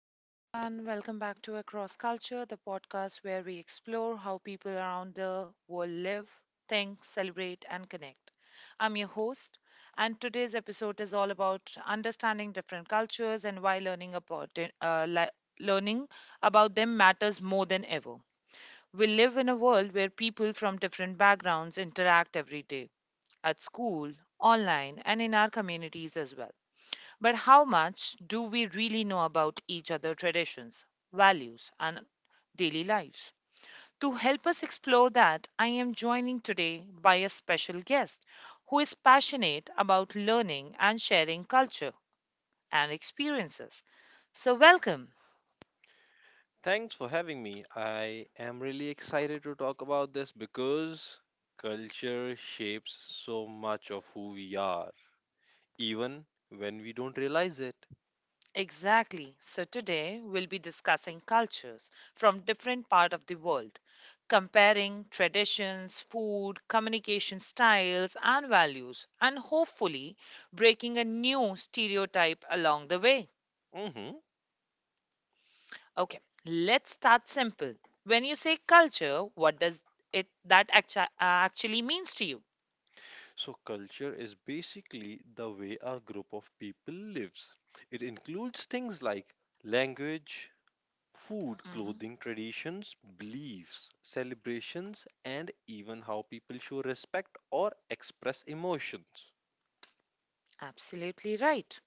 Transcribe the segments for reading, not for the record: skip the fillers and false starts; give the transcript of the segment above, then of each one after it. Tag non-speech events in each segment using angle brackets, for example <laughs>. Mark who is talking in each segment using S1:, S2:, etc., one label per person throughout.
S1: Hello, everyone. Welcome back to Across Culture, the podcast where we explore how people around the world live, think, celebrate, and connect. I'm your host, and today's episode is all about understanding different cultures and why learning about it, li- learning about them matters more than ever. We live in a world where people from different backgrounds interact every day, at school, online, and in our communities as well. But how much do we really know about each other traditions, values, and daily lives? To help us explore that, I am joining today by a special guest who is passionate about learning and sharing culture and experiences. So, welcome.
S2: Thanks for having me. I am really excited to talk about this because culture shapes so much of who we are, even when we don't realize it.
S1: Exactly. So today we'll be discussing cultures from different part of the world, comparing traditions, food, communication styles and values, and hopefully breaking a new stereotype along the way.
S2: Mhm.
S1: Okay, let's start simple. When you say culture, what does actually means to you?
S2: So, culture is basically the way a group of people lives, it includes things like language, food,
S1: Hmm.
S2: clothing, traditions, beliefs, celebrations, and even how people show respect or express emotions.
S1: Absolutely right.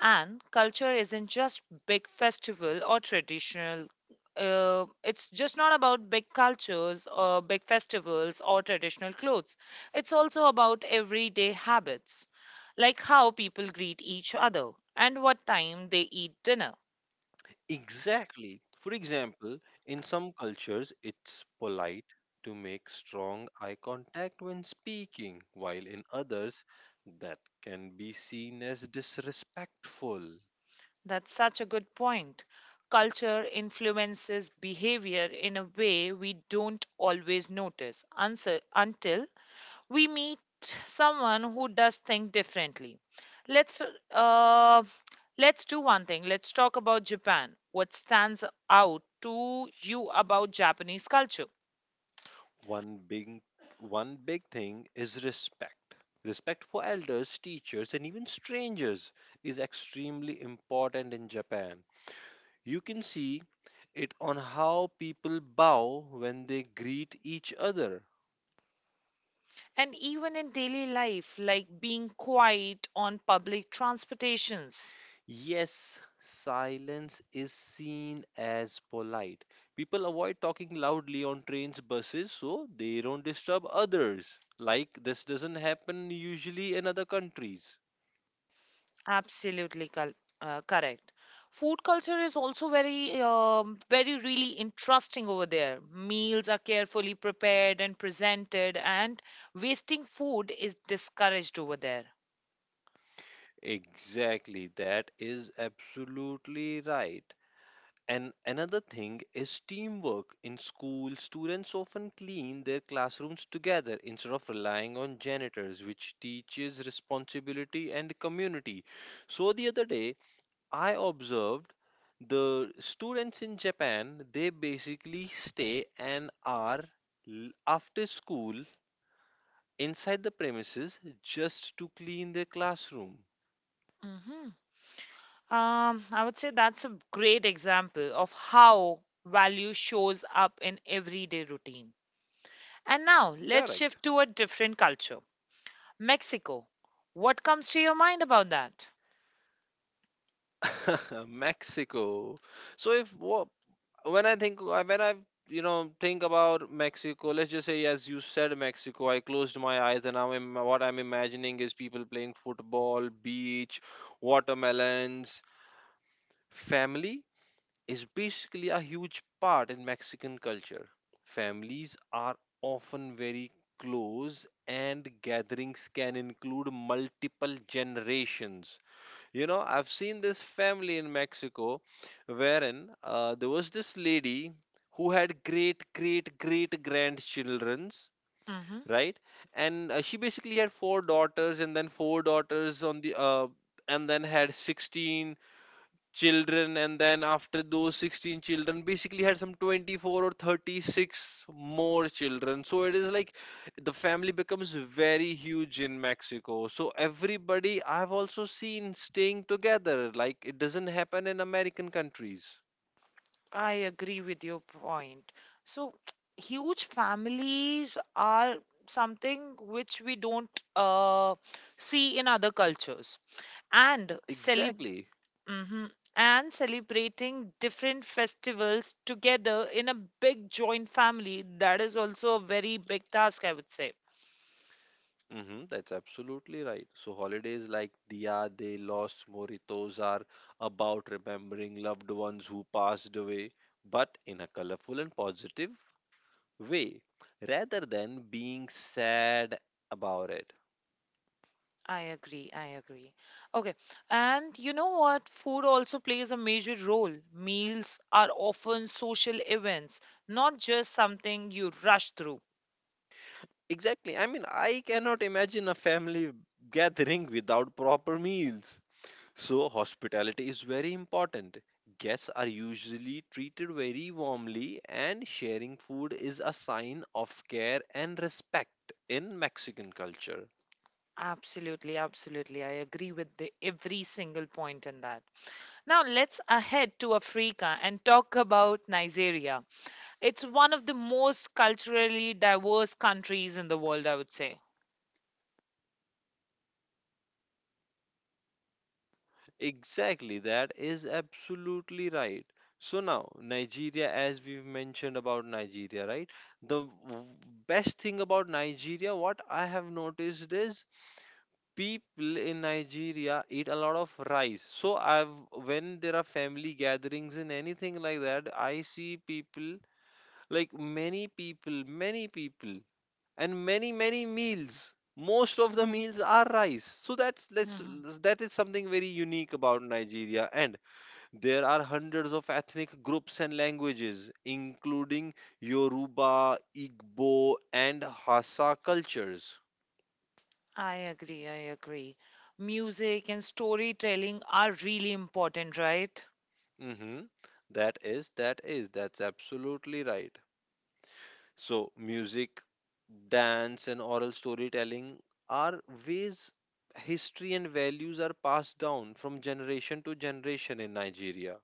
S1: And culture isn't just big festival or traditional. It's just not about big cultures or big festivals or traditional clothes. It's also about everyday habits, like how people greet each other and what time they eat dinner.
S2: Exactly. For example, in some cultures, it's polite to make strong eye contact when speaking, while in others, that can be seen as disrespectful.
S1: That's such a good point. Culture influences behavior in a way we don't always notice until we meet someone who does think differently. Let's uh, let's do one thing. Let's talk about Japan. What stands out to you about Japanese culture?
S2: One big, One big thing is respect. Respect for elders, teachers, and even strangers is extremely important in Japan. You can see it on how people bow when they greet each other.
S1: And even in daily life, like being quiet on public transportations.
S2: Yes, silence is seen as polite. People avoid talking loudly on trains, buses, so they don't disturb others. Like this doesn't happen usually in other countries.
S1: Absolutely col- correct. Food culture is also very, really interesting over there. Meals are carefully prepared and presented, and wasting food is discouraged over there.
S2: Exactly, that is absolutely right. And another thing is teamwork. In school, students often clean their classrooms together instead of relying on janitors, which teaches responsibility and community. So the other day, I observed the students in Japan, they basically stay an hour after school inside the premises just to clean their classroom.
S1: Hmm. I would say that's a great example of how value shows up in everyday routine. And now let's
S2: Correct.
S1: shift to a different culture, Mexico. What comes to your mind about that?
S2: <laughs> Mexico. So if wha- when I think, when I think about Mexico, let's just say, as you said Mexico, I closed my eyes and what I'm imagining is people playing football, beach, watermelons, family is basically a huge part in Mexican culture. Families are often very close, and gatherings can include multiple generations. I've seen this family in Mexico wherein there was this lady who had great, great, great grandchildrens.
S1: Mm-hmm.
S2: Right, and she basically had four daughters, and then four daughters on the and then had 16 children, and then after those 16 children basically had some 24 or 36 more children. So it is like the family becomes very huge in Mexico, so everybody, I've also seen staying together, like it doesn't happen in American countries.
S1: I agree with your point. So, <tsk> huge families are something which we don't see in other cultures. And cele-
S2: Exactly.
S1: mhm. And celebrating different festivals together in a big joint family, that is also a very big task, I would say.
S2: Hmm, that's absolutely right. So holidays like Dia de los Moritos are about remembering loved ones who passed away, but in a colorful and positive way rather than being sad about it.
S1: I agree. I agree. Okay. And you know what? Food also plays a major role. Meals are often social events, not just something you rush through.
S2: Exactly. I mean, I cannot imagine a family gathering without proper meals. So, hospitality is very important. Guests are usually treated very warmly, and sharing food is a sign of care and respect in Mexican culture.
S1: Absolutely. Absolutely. I agree with the, every single point in that. Now let's ahead to Africa and talk about Nigeria. It's one of the most culturally diverse countries in the world, I would say.
S2: Exactly, that is absolutely right. So now, Nigeria, as we've mentioned about Nigeria, right? The best thing about Nigeria, what I have noticed, is people in Nigeria eat a lot of rice. So, I've when there are family gatherings and anything like that, I see people, like many people, and many, many meals. Most of the meals are rice. So
S1: Mm-hmm.
S2: that is something very unique about Nigeria, and there are hundreds of ethnic groups and languages, including Yoruba, Igbo, and Hassa cultures.
S1: I agree, I agree. Music and storytelling are really important, right?
S2: Mhm. That's absolutely right. So, music, dance, and oral storytelling are ways history and values are passed down from generation to generation in Nigeria.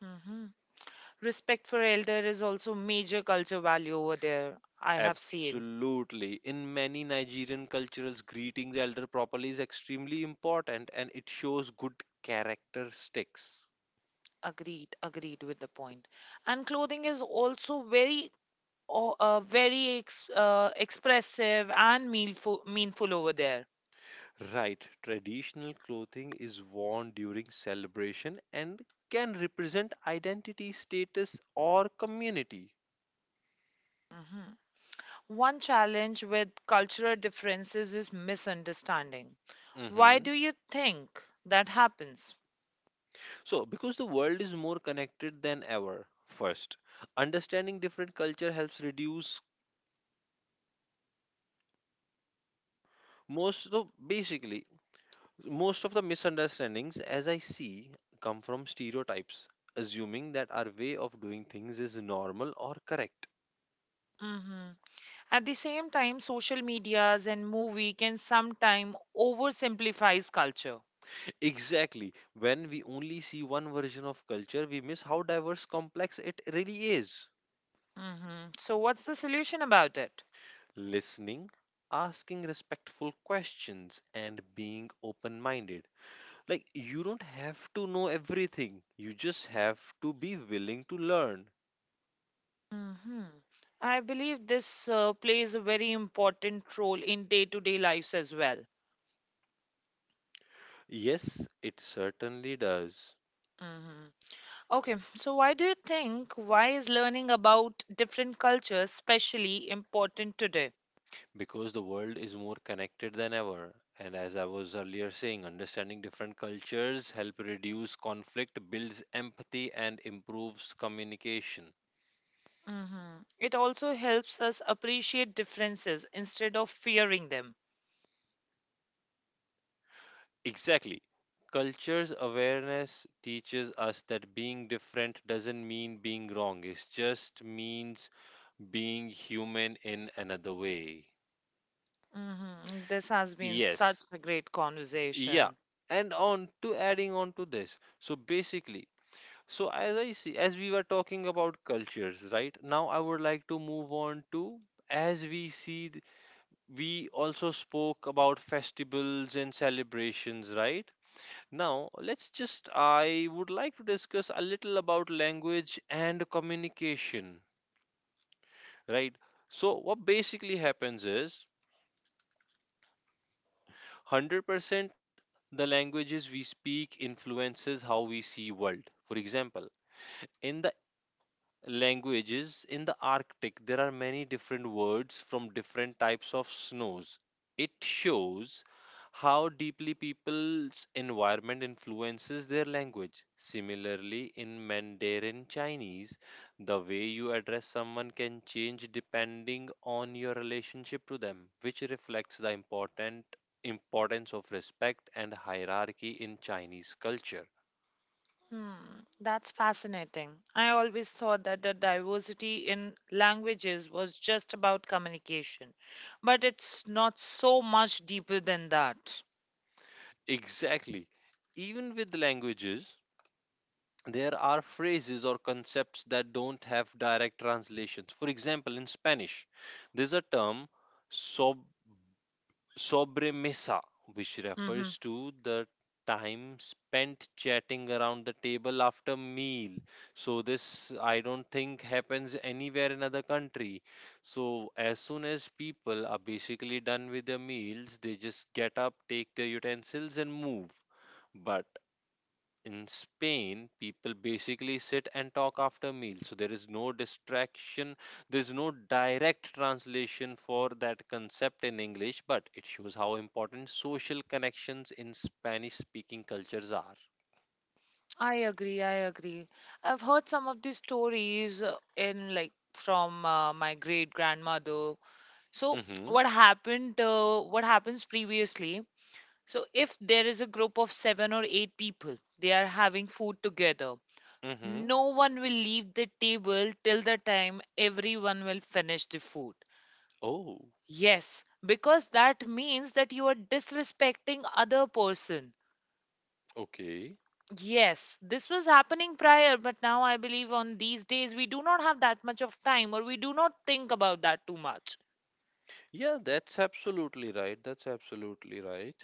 S1: Hmm. Respect for elder is also major culture value over there. I have seen.
S2: Absolutely. In many Nigerian cultures, greeting the elder properly is extremely important and it shows good characteristics.
S1: Agreed, agreed with the point. And clothing is also very, o- very ex, expressive and meaningful over there.
S2: Right, traditional clothing is worn during celebration and can represent identity, status, or community.
S1: Mhm. One challenge with cultural differences is misunderstanding. Why
S2: Hmm.
S1: do you think that happens?
S2: So, because the world is more connected than ever, first, understanding different culture helps reduce most, so basically, most of the misunderstandings, as I see, come from stereotypes, assuming that our way of doing things is normal or correct.
S1: Mm-hmm. At the same time, social medias and movie can sometimes oversimplifies culture.
S2: Exactly. When we only see one version of culture, we miss how diverse, complex it really is.
S1: Hmm. So, what's the solution about it?
S2: Listening, asking respectful questions, and being open minded. Like, you don't have to know everything, you just have to be willing to learn.
S1: Hmm. I believe this plays a very important role in day-to-day lives as well.
S2: Yes, it certainly does.
S1: Hmm. Okay, so why do you think why is learning about different cultures especially important today?
S2: Because the world is more connected than ever. And as I was earlier saying, understanding different cultures help reduce conflict, builds empathy, and improves communication.
S1: Hmm. It also helps us appreciate differences instead of fearing them.
S2: Exactly. Cultures awareness teaches us that being different doesn't mean being wrong. It just means being human in another way.
S1: Hmm. This has been such
S2: Yes.
S1: a great
S2: Yeah.
S1: conversation.
S2: And on to adding on to this. So as I see, as we were talking about cultures, right? Now I would like to move on to, as we see, we also spoke about festivals and celebrations, right? Now, I would like to discuss a little about language and communication, right? So what basically happens is, 100% the languages we speak influences how we see world. For example, in the languages in the Arctic, there are many different words from different types of snows. It shows how deeply people's environment influences their language. Similarly, in Mandarin Chinese, the way you address someone can change depending on your relationship to them, which reflects the important importance of respect and hierarchy in Chinese culture.
S1: Hmm, that's fascinating. I always thought that the diversity in languages was just about communication, but it's not so much deeper than that.
S2: Exactly. Even with languages, there are phrases or concepts that don't have direct translations. For example, in Spanish, there's a term, sob- sobremesa, which
S1: Mm-hmm.
S2: refers to the time spent chatting around the table after meal. So this, I don't think, happens anywhere in other country. So as soon as people are basically done with their meals, they just get up, take their utensils and move. But in Spain, people basically sit and talk after meals. So there is no distraction, there's no direct translation for that concept in English, but it shows how important social connections in Spanish speaking cultures are.
S1: I agree. I agree. I've heard some of these stories in like from my great grandmother. So
S2: Hmm.
S1: what happened? What happens previously? So if there is a group of seven or eight people, they are having food together.
S2: Hmm.
S1: No one will leave the table till the time everyone will finish the food.
S2: Oh,
S1: Yes, because that means that you are disrespecting other person.
S2: okay.
S1: Yes, this was happening prior, but now I believe on these days we do not have that much of time or we do not think about that too much.
S2: Yeah, that's absolutely right. That's absolutely right.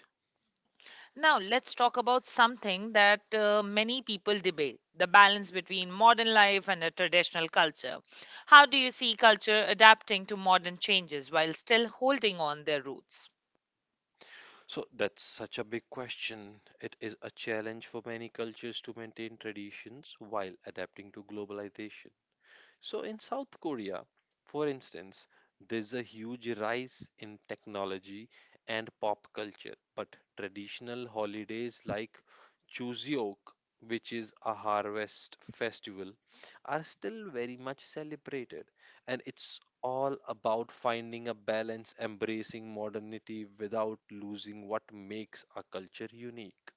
S1: Now, let's talk about something that many people debate, the balance between modern life and a traditional culture. How do you see culture adapting to modern changes while still holding on their roots?
S2: So that's such a big question. It is a challenge for many cultures to maintain traditions while adapting to globalization. So, in South Korea, for instance, there's a huge rise in technology and pop culture, but traditional holidays like Chuseok, which is a harvest festival, are still very much celebrated. And it's all about finding a balance, embracing modernity without losing what makes a culture unique.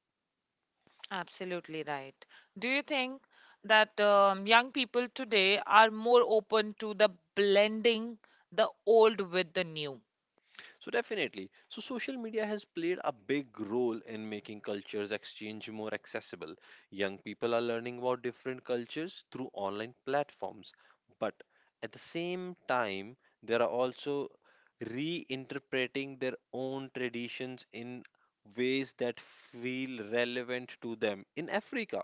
S1: Absolutely right. Do you think that young people today are more open to the blending the old with the new?
S2: So definitely. So social media has played a big role in making cultures exchange more accessible. Young people are learning about different cultures through online platforms, but at the same time they are also reinterpreting their own traditions in ways that feel relevant to them. In Africa,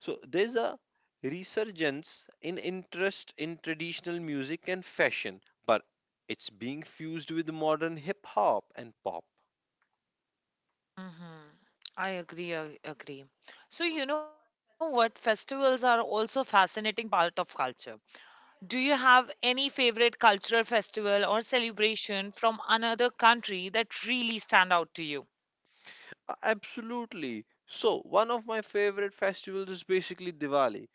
S2: so there's a resurgence in interest in traditional music and fashion, but it's being fused with modern hip hop and pop.
S1: Mm-hmm. I agree, I agree. So, you know what? Festivals are also a fascinating part of culture. Do you have any favorite cultural festival or celebration from another country that really stand out to you?
S2: Absolutely. So one of my favorite festivals is basically Diwali.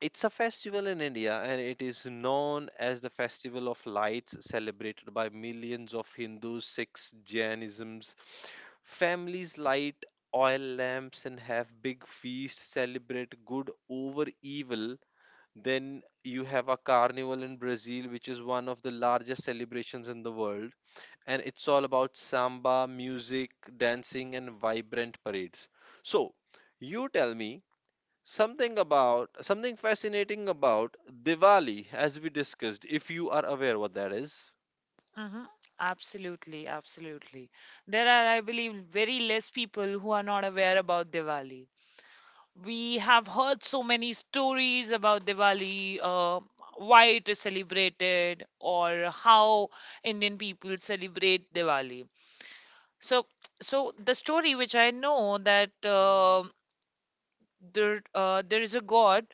S2: It's a festival in India and it is known as the Festival of Lights, celebrated by millions of Hindus, Sikhs, Jainisms. Families light oil lamps and have big feasts, celebrate good over evil. Then you have a carnival in Brazil, which is one of the largest celebrations in the world. And it's all about samba, music, dancing, and vibrant parades. So, you tell me something, about something fascinating about Diwali, as we discussed, if you are aware what that is.
S1: Hmm. Absolutely, absolutely. There are, I believe, very less people who are not aware about Diwali. We have heard so many stories about Diwali, why it is celebrated, or how Indian people celebrate Diwali. So, so, the story which I know that there is a god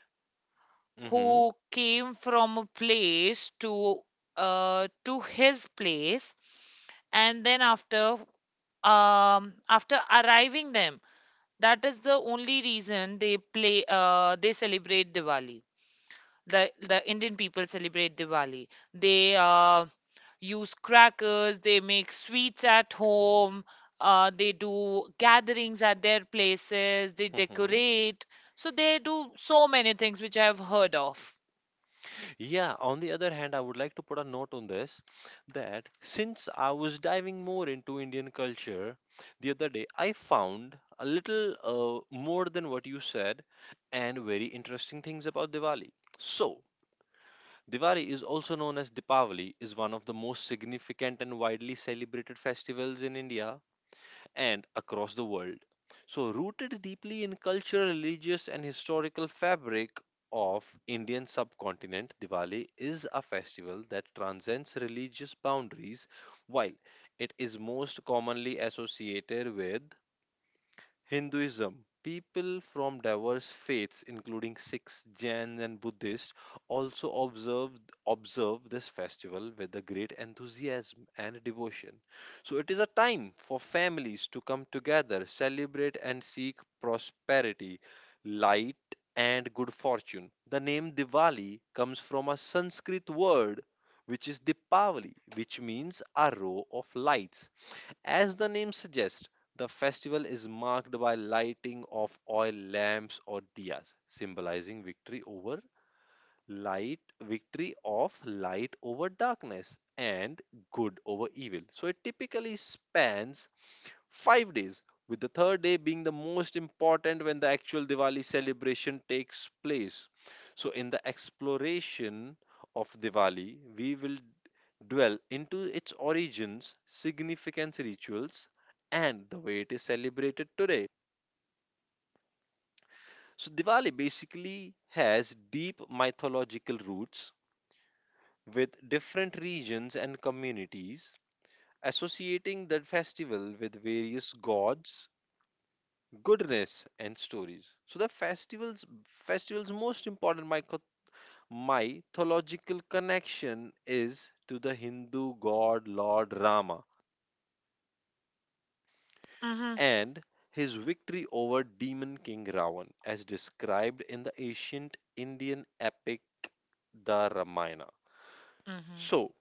S2: Mm-hmm.
S1: who came from a place to his place, and then after arriving them, that is the only reason they play they celebrate Diwali, the Indian people celebrate Diwali, they use crackers, they make sweets at home, they do gatherings at their places, they
S2: Mm-hmm.
S1: decorate. So they do so many things which I have heard of.
S2: Yeah, on the other hand, I would like to put a note on this that since I was diving more into Indian culture the other day, I found a little more than what you said, and very interesting things about Diwali. So, Diwali, is also known as Dipavali, is one of the most significant and widely celebrated festivals in India and across the world. So, rooted deeply in cultural, religious, and historical fabric of Indian subcontinent, Diwali is a festival that transcends religious boundaries. While it is most commonly associated with Hinduism, people from diverse faiths, including Sikhs, Jains, and Buddhists, also observe this festival with a great enthusiasm and devotion. So, it is a time for families to come together, celebrate, and seek prosperity, light, and good fortune. The name Diwali comes from a Sanskrit word which is Dipavali, which means a row of lights. As the name suggests, the festival is marked by lighting of oil lamps or diyas, symbolizing victory of light over darkness, and good over evil. So it typically spans 5 days, with the third day being the most important, when the actual Diwali celebration takes place. So, in the exploration of Diwali, we will dwell into its origins, significance, rituals, and the way it is celebrated today. So, Diwali basically has deep mythological roots, with different regions and communities associating the festival with various gods, goodness, and stories. So the festival's most important mythological connection is to the Hindu god Lord Rama
S1: Mhm.
S2: and his victory over demon king Ravan, as described in the ancient Indian epic the Ramayana.
S1: Mhm.
S2: So,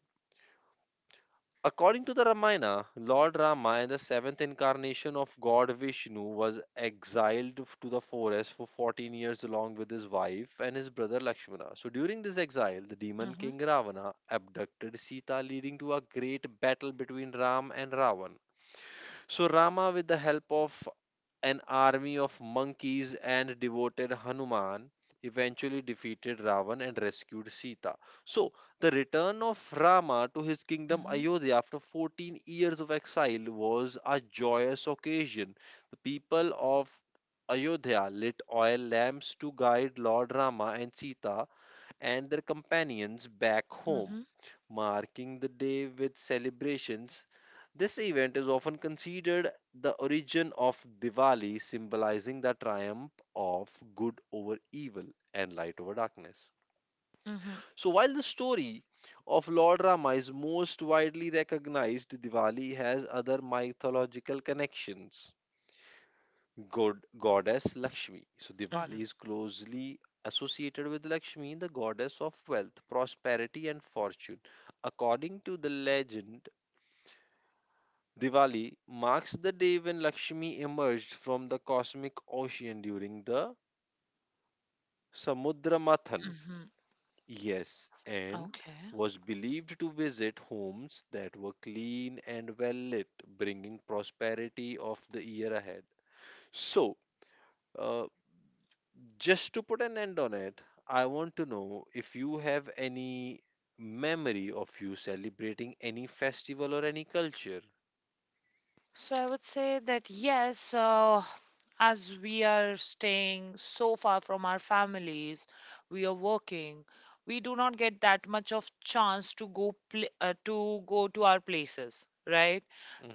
S2: according to the Ramayana, Lord Rama, the seventh incarnation of God Vishnu, was exiled to the forest for 14 years along with his wife and his brother Lakshmana. So during this exile, the demon
S1: Mhm.
S2: king Ravana abducted Sita, leading to a great battle between Ram and Ravan. So Rama, with the help of an army of monkeys and devoted Hanuman, eventually defeated Ravan and rescued Sita. So, the return of Rama to his kingdom
S1: Mhm.
S2: Ayodhya after 14 years of exile was a joyous occasion. The people of Ayodhya lit oil lamps to guide Lord Rama and Sita and their companions back home,
S1: Mhm.
S2: marking the day with celebrations. This event is often considered the origin of Diwali, symbolizing the triumph of good over evil and light over darkness.
S1: Mhm.
S2: So, while the story of Lord Rama is most widely recognized, Diwali has other mythological connections. God, goddess Lakshmi. So, Diwali
S1: Mhm.
S2: is closely associated with Lakshmi, the goddess of wealth, prosperity, and fortune. According to the legend, Diwali marks the day when Lakshmi emerged from the cosmic ocean during the Samudra Mathan.
S1: Mhm.
S2: Yes, and
S1: Okay.
S2: was believed to visit homes that were clean and well lit, bringing prosperity of the year ahead. So, uh, just to put an end on it, I want to know if you have any memory of you celebrating any festival or any culture.
S1: So I would say that yes, as we are staying so far from our families, we are working, we do not get that much of chance to go pl to go to our places, right?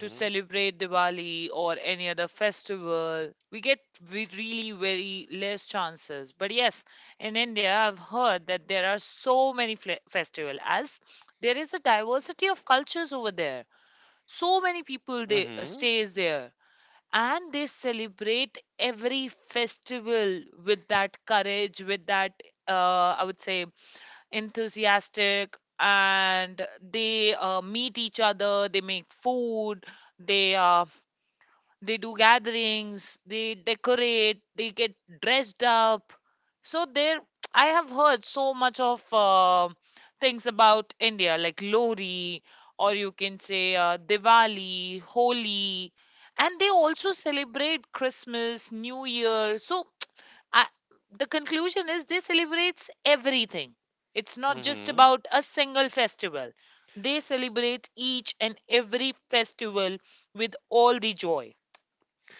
S1: To celebrate Diwali or any other festival, we get we really very less chances. But yes, in India, I've heard that there are so many fle festival as there is a diversity of cultures over there. So many people they
S2: Hmm.
S1: stays there, and they celebrate every festival with that courage, with that, I would say, enthusiastic, and they meet each other, they make food, they uh, they do gatherings, they decorate, they get dressed up. So there, I have heard so much of things about India, like Lori, or you can say, Diwali, Holi, and they also celebrate Christmas, New Year. So <tsk> I, the conclusion is they celebrates everything. It's not just
S2: Mm-hmm.
S1: about a single festival. They celebrate each and every festival with all the joy.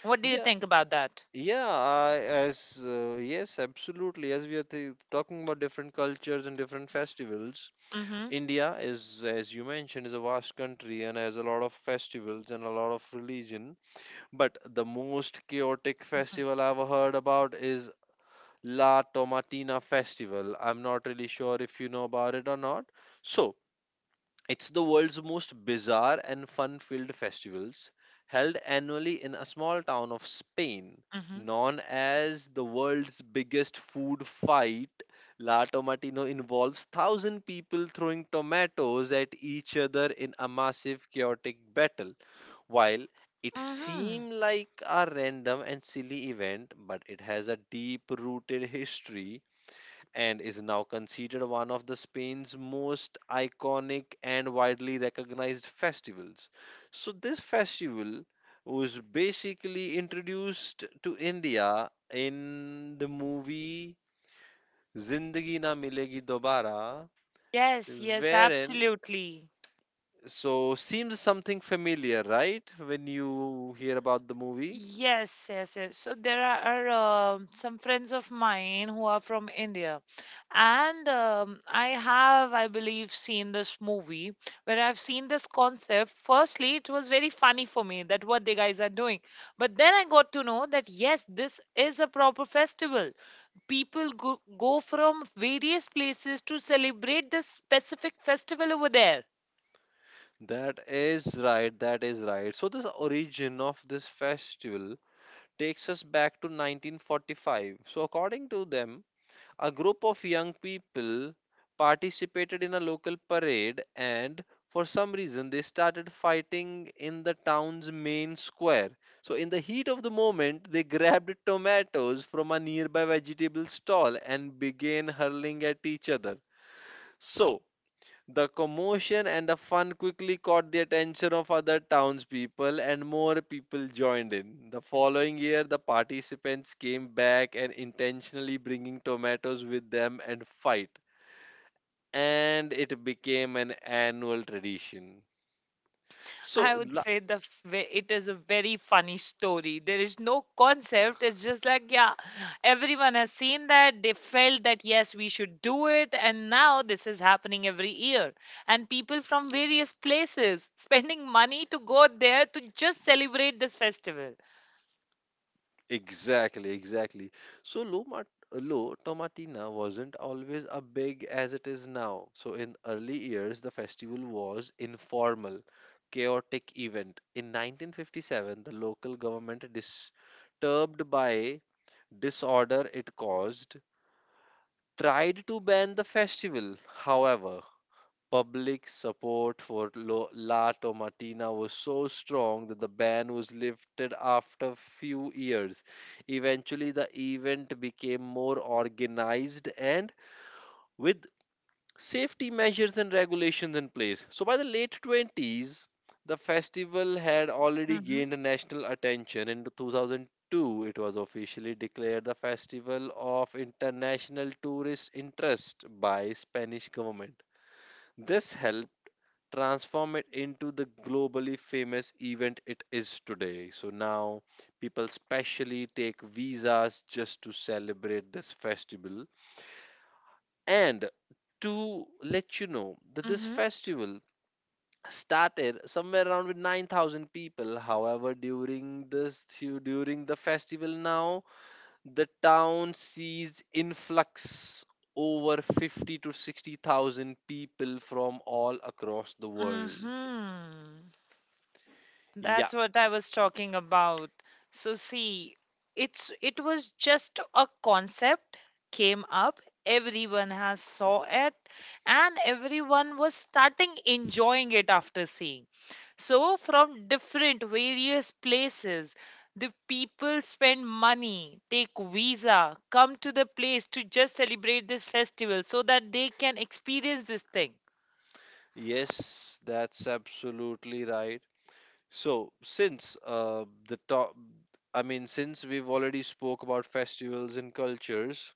S1: What do you
S2: Yeah,
S1: think about that?
S2: yeah. As yes, absolutely. As we are talking about different cultures and different festivals,
S1: Mm-hmm.
S2: India is, as you mentioned, is a vast country and has a lot of festivals and a lot of religion. But the most chaotic
S1: Mm-hmm.
S2: festival I've heard about is La Tomatina Festival. I'm not really sure if you know about it or not. So it's the world's most bizarre and fun filled festivals, held annually in a small town of Spain,
S1: Mm-hmm.
S2: known as the world's biggest food fight. La Tomatino involves 1,000 people throwing tomatoes at each other in a massive chaotic battle. While it
S1: Mm-hmm.
S2: seemed like a random and silly event, but it has a deep rooted history and is now considered one of the Spain's most iconic and widely recognized festivals. So this festival was basically introduced to India in the movie Zindagi Na Milegi Dobara,
S1: Yes, yes,
S2: wherein
S1: absolutely.
S2: so seems something familiar, right? When you hear about the movie.
S1: Yes, yes, yes. So there are some friends of mine who are from India, and I have, I believe, seen this movie where I've seen this concept. Firstly, it was very funny for me that what the guys are doing, but then I got to know that yes, this is a proper festival. People go from various places to celebrate this specific festival over there.
S2: That is right, that is right. So, this origin of this festival takes us back to 1945. So, according to them, a group of young people participated in a local parade and for some reason they started fighting in the town's main square. So, in the heat of the moment, they <laughs> grabbed tomatoes from a nearby vegetable stall and began hurling at each other. So, the commotion and the fun quickly caught the attention of other townspeople, and more people joined in. The following year, the participants came back and intentionally bringing tomatoes with them and fight. And it became an annual tradition. So.
S1: I would say the it is a very funny story. There is no concept. It's just like yeah, everyone has seen that. They felt that yes, we should do it, and now this is happening every year. And people from various places spending money to go there to just celebrate this festival.
S2: Exactly, exactly. So low tomatina wasn't always a big as it is now. So in early years, the festival was informal, chaotic event. In 1957, the local government, disturbed by disorder it caused, tried to ban the festival. However, public support for La Tomatina was so strong that the ban was lifted after few years. Eventually, the event became more organized and with safety measures and regulations in place. So, by the late 20s, the festival had already
S1: Mhm.
S2: gained national attention. In 2002, it was officially declared the Festival of International Tourist Interest by Spanish government. This helped transform it into the globally famous event it is today. So now people specially take visas just to celebrate this festival. And to let you know that this
S1: Mhm.
S2: festival started somewhere around with 9,000 people. However, during the festival now, the town sees influx over 50 to 60,000 people from all across the world.
S1: Mhm.
S2: Yeah.
S1: That's what I was talking about. So see, it was just a concept came up. Everyone has saw it, and everyone was starting enjoying it after seeing. So from different various places, the people spend money, take visa, come to the place to just celebrate this festival so that they can experience this thing.
S2: Yes, that's absolutely right. So, I mean, since we've already spoke about festivals and cultures,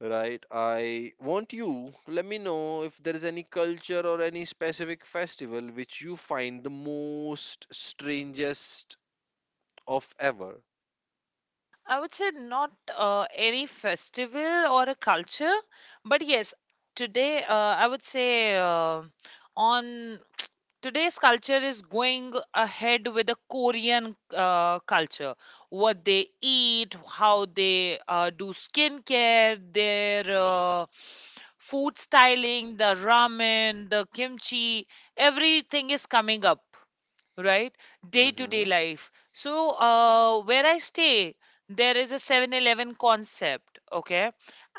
S2: right? I want you let me know if there is any culture or any specific festival which you find the most strangest of ever.
S1: I would say not any festival or a culture, but yes, today, I would say, on <tsk> today's culture is going ahead with the Korean culture. What they eat, how they do skincare, their food styling, the ramen, the kimchi, everything is coming up right, day to day life. So where I stay, there
S2: Mm-hmm.
S1: is a 7-Eleven concept, okay?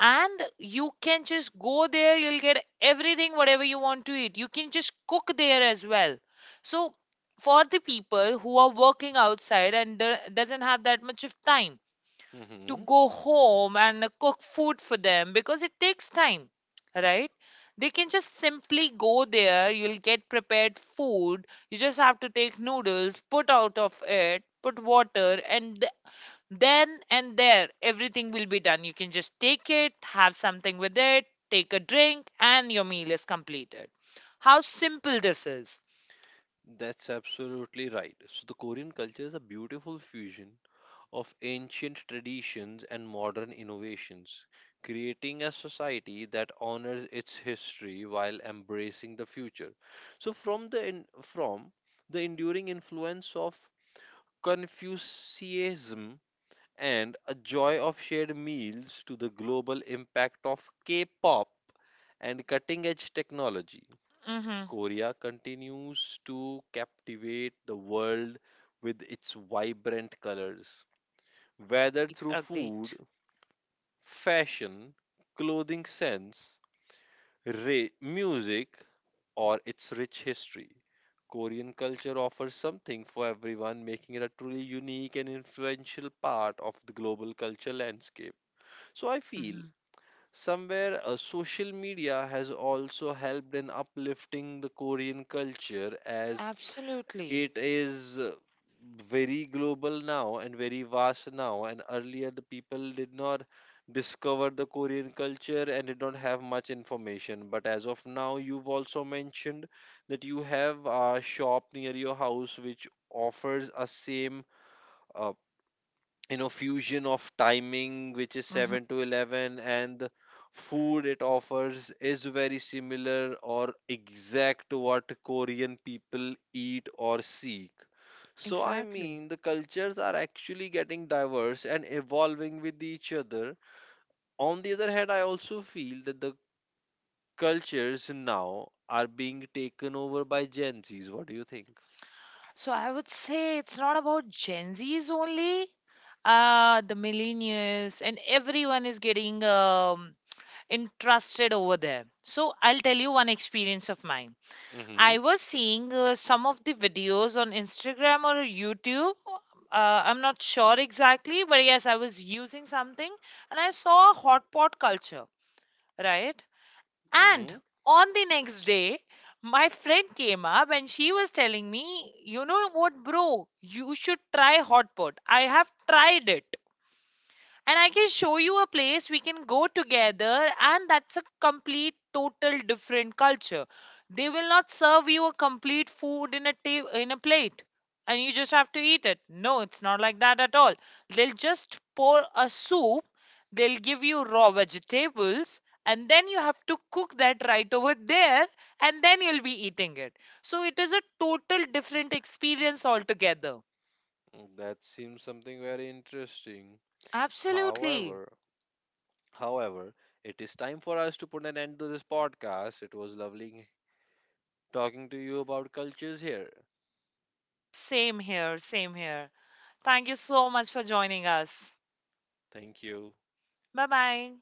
S1: And you can just go there, you'll get everything whatever you want to eat, you can just cook there as well. So, for the people who are working outside and doesn't have that much of time to go home and cook food for them because it takes time, right, they can just simply go there, you'll get prepared food, you just have to take noodles, put out of it, put water, and then and there, everything will be done. You can just take it, have something with it, take a drink, and your meal is completed. How simple this is.
S2: That's absolutely right. So, the Korean culture is a beautiful fusion of ancient traditions and modern innovations, creating a society that honors its history while embracing the future. So, from the enduring influence of Confucianism and a joy of shared meals to the global impact of K-pop and cutting-edge technology.
S1: Mm-hmm.
S2: Korea continues to captivate the world with its vibrant colors. Whether through
S1: Agreed.
S2: food, fashion, clothing sense, music, or its rich history, Korean culture offers something for everyone, making it a truly unique and influential part of the global culture landscape. So I feel
S1: Hmm.
S2: somewhere social media has also helped in uplifting the Korean culture, as
S1: Absolutely.
S2: it is very global now and very vast now, and earlier the people did not discover the Korean culture and did not have much information, but as of now you've also mentioned that you have a shop near your house which offers a same uh, fusion of timing which is
S1: Hmm.
S2: 7 to 11, and the food it offers is very similar or exact to what Korean people eat or seek. So I
S1: Exactly.
S2: mean the cultures are actually getting diverse and evolving with each other. On the other hand, I also feel that the cultures now are being taken over by gen z's. What do you think?
S1: So I would say it's not about Gen Zs only. The millennials and everyone is getting interested over there. So I'll tell you one experience of mine. I
S2: Hmm.
S1: was seeing some of the videos on Instagram or YouTube. I'm not sure exactly, but yes, I was using something and I saw a hot pot culture, right? And
S2: Hmm.
S1: on the next day, my friend came up and she was telling me, you know what, bro, you should try hot pot. I have tried it. And I can show you a place we can go together, and that's a complete, total different culture. They will not serve you a complete food in a in a plate, and you just have to eat it. No, it's not like that at all. They'll just pour a soup. They'll give you raw vegetables, and then you have to cook that right over there, and then you'll be eating it. So it is a total different experience altogether.
S2: That seems something very interesting.
S1: Absolutely.
S2: However, however, it is time for us to put an end to this podcast. It was lovely talking to you about cultures here.
S1: Same here. Same here. Thank you so much for joining us.
S2: Thank you.
S1: Bye bye.